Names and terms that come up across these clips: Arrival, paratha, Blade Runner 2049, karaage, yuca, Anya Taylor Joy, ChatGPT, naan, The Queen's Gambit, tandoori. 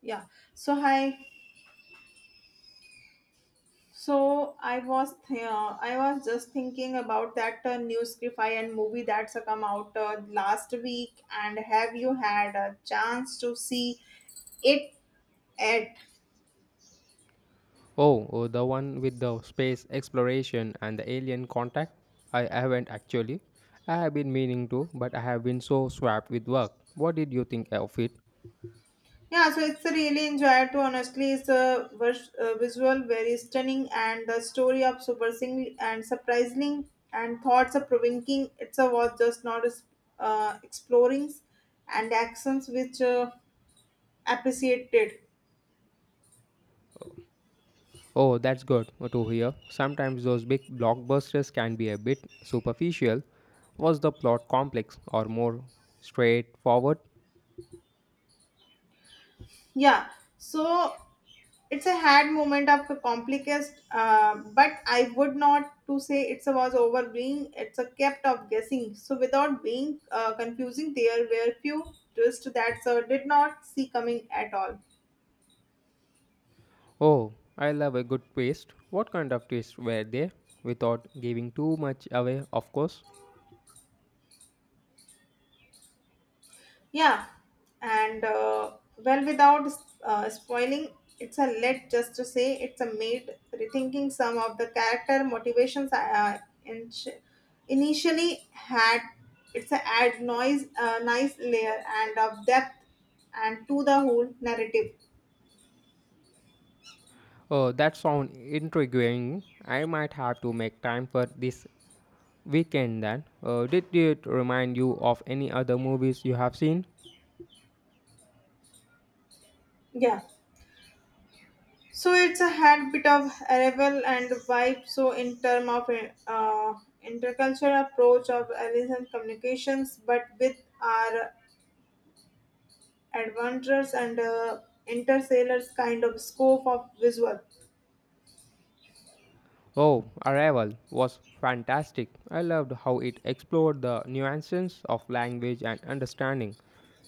Yeah. So hi. So I was just thinking about that new sci and movie that's come out last week. And have you had a chance to see it at? Oh, oh, the one with the space exploration and the alien contact? I haven't actually. I have been meaning to, but I have been so swamped with work. What did you think of it? Yeah. So it's really enjoyed. To honestly, it's a visual very stunning and the story of surprisingly and surprising and thoughts of provoking. It's a was just not as, exploring and actions which appreciated. Oh, that's good to hear. Sometimes those big blockbusters can be a bit superficial. Was the plot complex or more straightforward? Yeah. So it's a hard moment of a complicate but I would not to say it's a was over being it's a kept of guessing so without being confusing there were few twists that sir did not see coming at all. Oh, I love a good twist. What kind of twists were there? Without giving too much away, of course. Yeah, and well, without spoiling, it's a let just to say it's a made rethinking some of the character motivations in- initially had. It's a add noise, nice layer and of depth and to the whole narrative. Oh, that sounds intriguing. I might have to make time for this weekend then. Did it remind you of any other movies you have seen? Yeah, so it's a had bit of arrival and vibe. So in term of uh, intercultural approach of alien communications, but with our adventurous and interstellar's kind of scope of visual. Oh, Arrival was fantastic. I loved how it explored the nuances of language and understanding.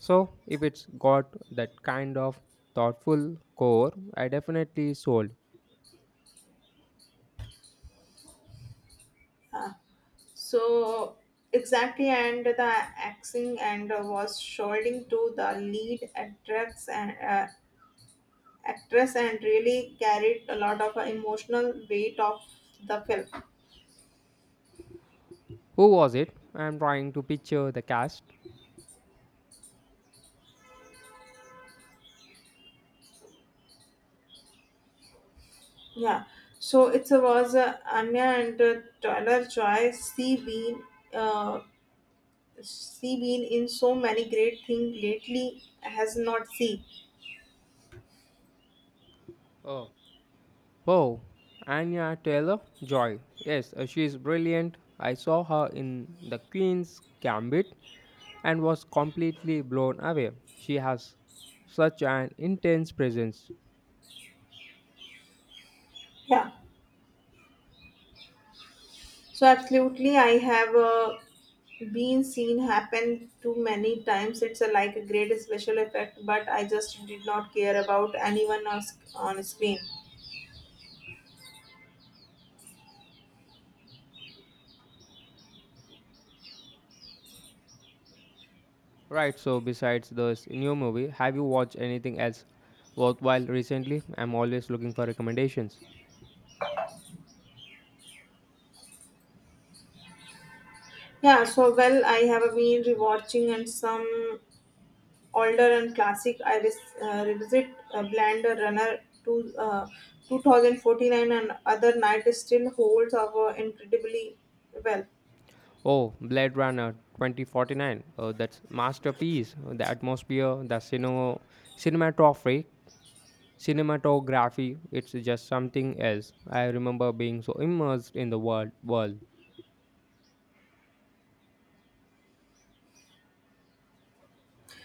So, if it's got that kind of thoughtful core, I definitely sold. Uh, so exactly, and the axing and was shouldering to the lead actress and actress and really carried a lot of emotional weight of the film. Who was it? I'm trying to picture the cast. Yeah. So it was Anya and Tyler Joy. Uh, she been in so many great things lately. Has not seen. Oh, oh, Anya Taylor Joy. Yes, she's brilliant. I saw her in The Queen's Gambit and was completely blown away. She has such an intense presence. Yeah. So absolutely, I have been seen happen too many times. It's a, like a great special effect, but I just did not care about anyone else on screen. Right, so besides this new movie, have you watched anything else worthwhile recently? I'm always looking for recommendations. Yeah, so well, I have been rewatching and some older and classic. Revisit Blender Runner to 2049 and other night still holds up incredibly well. Oh, Blade Runner 2049. Oh, that's masterpiece. The atmosphere, cinematography, cinematography. It's just something else. I remember being so immersed in the world.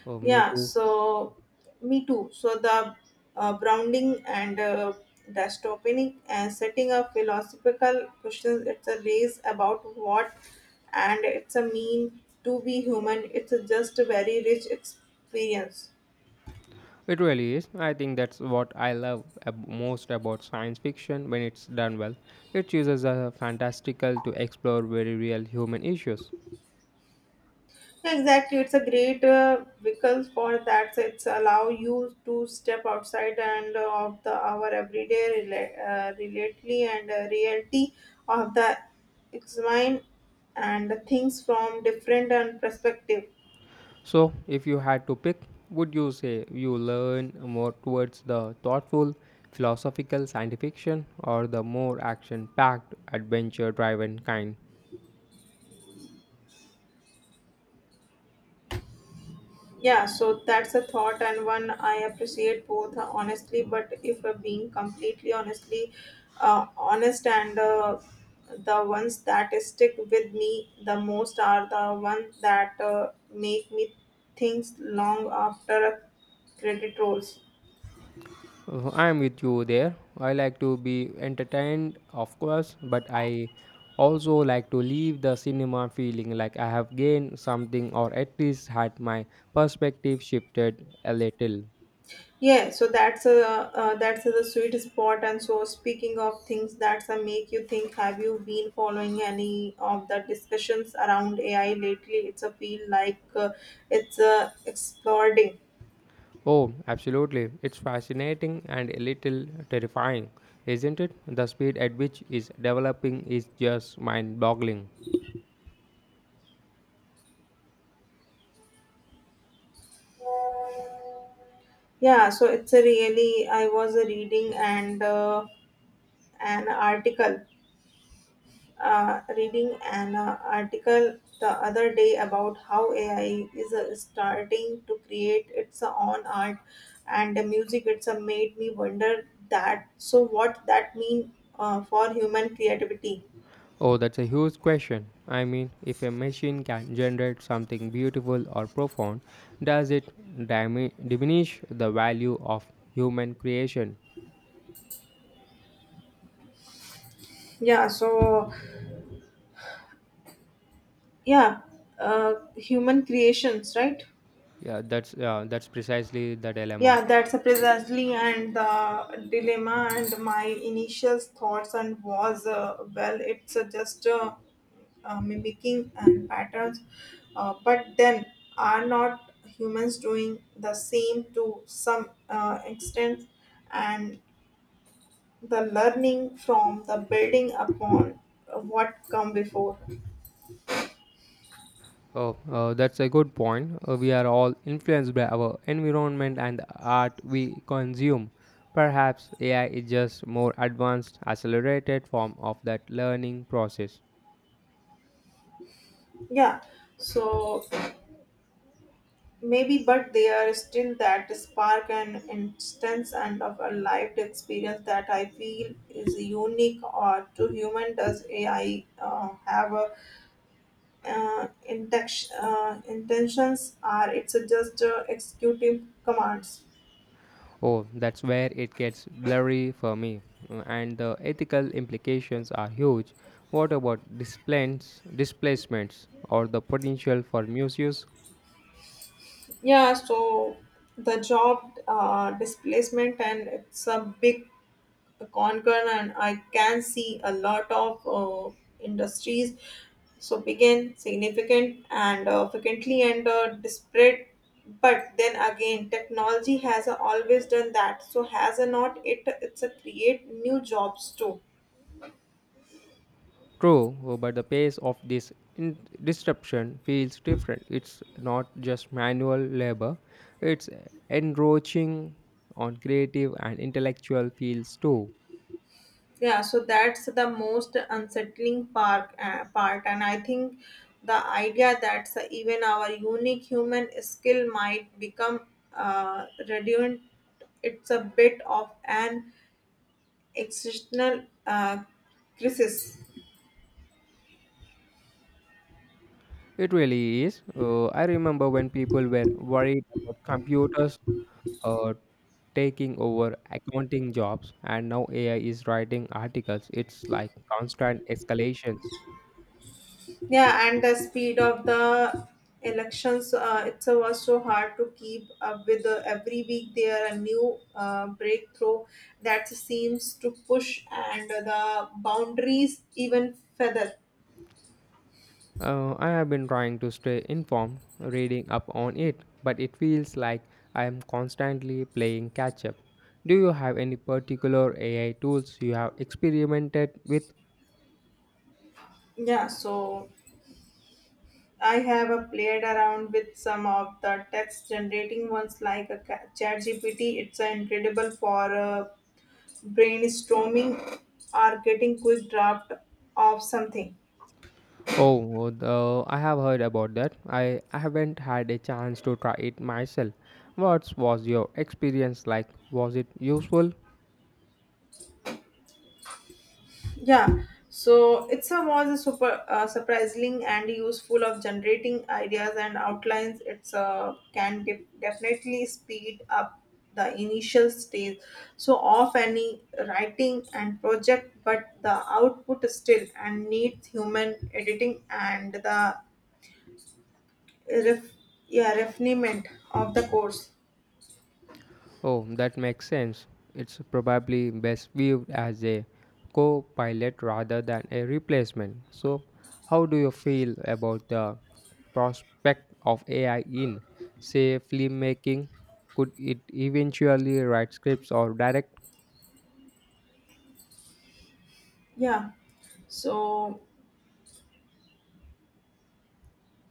Oh, me Yeah, too. so me too. So the Browning and the Stopinic and setting of philosophical questions. It's a race about what, and it's a mean to be human. It's a just a very rich experience. It really is. I think that's what I love most about science fiction when it's done well. It uses a fantastical to explore very real human issues. Exactly, it's a great vehicle for that. So it's allow you to step outside and of the our everyday rela- relatedly and reality of the examine and things from different and perspective. So, if you had to pick, would you say you learn more towards the thoughtful, philosophical science fiction or the more action packed, adventure driven kind? Yeah, so that's a thought and one I appreciate both honestly, but if being completely honestly honest and the ones that stick with me the most are the ones that make me think long after a credit rolls. I'm with you there. I like to be entertained, of course, but I also like to leave the cinema feeling like I have gained something or at least had my perspective shifted a little. Yeah, so that's the sweet spot. And so, speaking of things that make you think, have you been following any of the discussions around AI lately? It's a feel like it's exploding. Oh, absolutely. It's fascinating and a little terrifying, isn't it? The speed at which it's developing is just mind boggling. Yeah, so it's a really. I was reading and an article reading an article the other day about how AI is starting to create its own art and the music. It's made me wonder that. So what that mean for human creativity? Oh, that's a huge question. I mean, if a machine can generate something beautiful or profound, does it diminish the value of human creation? Yeah. Yeah, human creations, right? Yeah, that's precisely the dilemma. Yeah, that's precisely and the dilemma and my initial thoughts and was well, it's just mimicking and patterns, but then are not humans doing the same to some extent, and the learning from the building upon what come before. Oh, that's a good point. We are all influenced by our environment and the art we consume. Perhaps AI is just more advanced, accelerated form of that learning process. Yeah, so maybe, but they are still that spark and instance and of a lived experience that I feel is unique or to human. Does AI intentions or it's just executing commands? Oh, that's where it gets blurry for me, and the ethical implications are huge. What about displacements or the potential for misuse? Yeah, so the job displacement and it's a big conquer and I can see a lot of industries so begin significant and frequently and disparate. But then again, technology has always done that. So has a not it? It's a create new jobs too. True, but the pace of this in- disruption feels different. It's not just manual labor, it's enroaching on creative and intellectual fields too. Yeah, so that's the most unsettling part, and I think the idea that so even our unique human skill might become redundant. It's a bit of an existential crisis. It really is. I remember when people were worried about computers uh, taking over accounting jobs, and now AI is writing articles. It's like constant escalations. Yeah, and the speed of the elections it was so hard to keep up with. Every week there a new breakthrough that seems to push and the boundaries even further. I have been trying to stay informed, reading up on it, but it feels like I am constantly playing catch up. Do you have any particular AI tools you have experimented with? Yeah, so I have played around with some of the text generating ones like a ChatGPT. It's incredible for brainstorming or getting quick draft of something. Oh, I have heard about that. I haven't had a chance to try it myself. What was your experience like? Was it useful? Yeah, so it's a was a super surprising and useful of generating ideas and outlines it's definitely speed up the initial stage so of any writing and project but the output still and needs human editing and the ref- yeah refinement of the course. Oh, that makes sense. It's probably best viewed as a co pilot rather than a replacement. So, how do you feel about the prospect of AI in, say, filmmaking? Could it eventually write scripts or direct? Yeah, so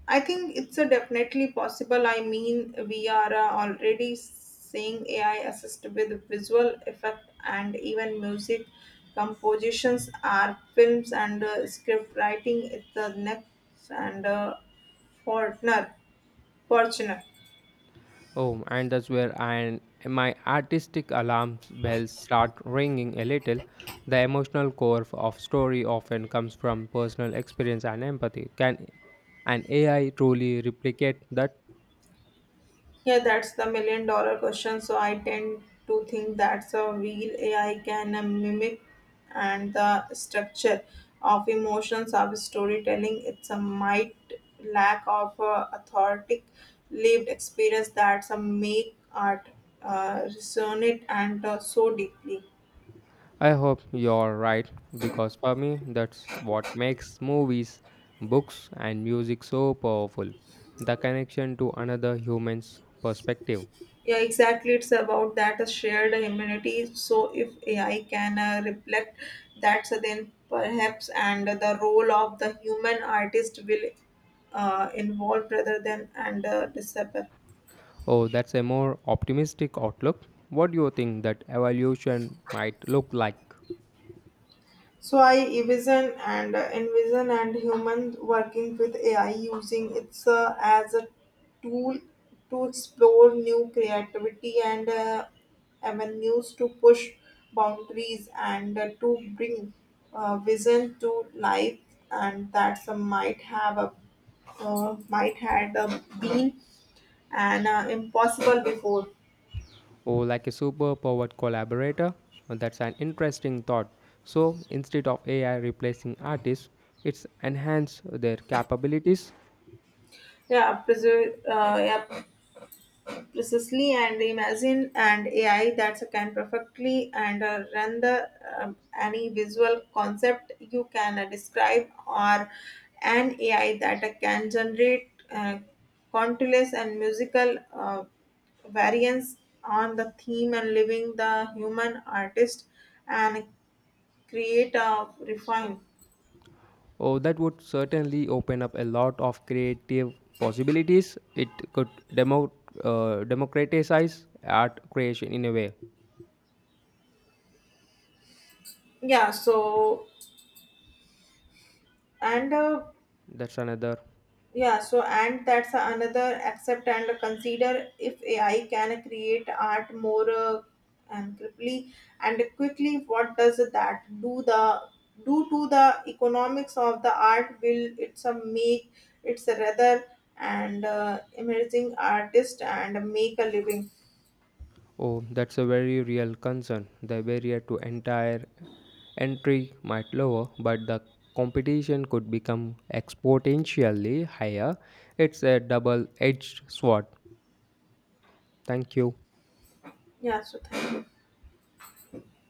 I think it's a definitely possible. I mean, we are already seeing AI assist with visual effect and even music compositions, our films, and script writing. It's the next and uh, Fortner, Fortuner. Oh, and that's where I, my artistic alarm bells start ringing a little. The emotional core of story often comes from personal experience and empathy. Can an AI truly replicate that? Yeah, that's the million dollar question. So I tend to think that's a real AI can mimic and the structure of emotions of storytelling. It's a might lack of authentic lived experience that's a make art resonate and so deeply. I hope you're right, because for me, that's what makes movies, books, and music so powerful the connection to another human's perspective. Yeah, exactly. It's about that shared humanity. So if AI can reflect that, so then perhaps and the role of the human artist will involve rather than and disappear. Oh, that's a more optimistic outlook. What do you think that evolution might look like? So I envision and human working with AI using it as a tool to explore new creativity and avenues to push boundaries and to bring vision to life and that some might have a might had been an impossible before. Or like a superpowered collaborator? Oh, that's an interesting thought. So, instead of AI replacing artists, it's enhance their capabilities. Yeah, preserve, uh, yeah, Precisely, and imagine and AI that can perfectly and run the any visual concept you can describe, or an AI that can generate countless and musical variants on the theme and leaving the human artist and create a refine. Oh, that would certainly open up a lot of creative possibilities. It could democratize art creation in a way. Yeah, so and. Uh, That's another Yeah, so and that's another accept and consider if AI can create art more and quickly and quickly. What does that do the do to the economics of the art? Will it's a make it's a rather and emerging artist and make a living? Oh, that's a very real concern. The barrier to entire entry might lower, but the competition could become exponentially higher. It's a double edged sword. Thank you. Yeah, so thank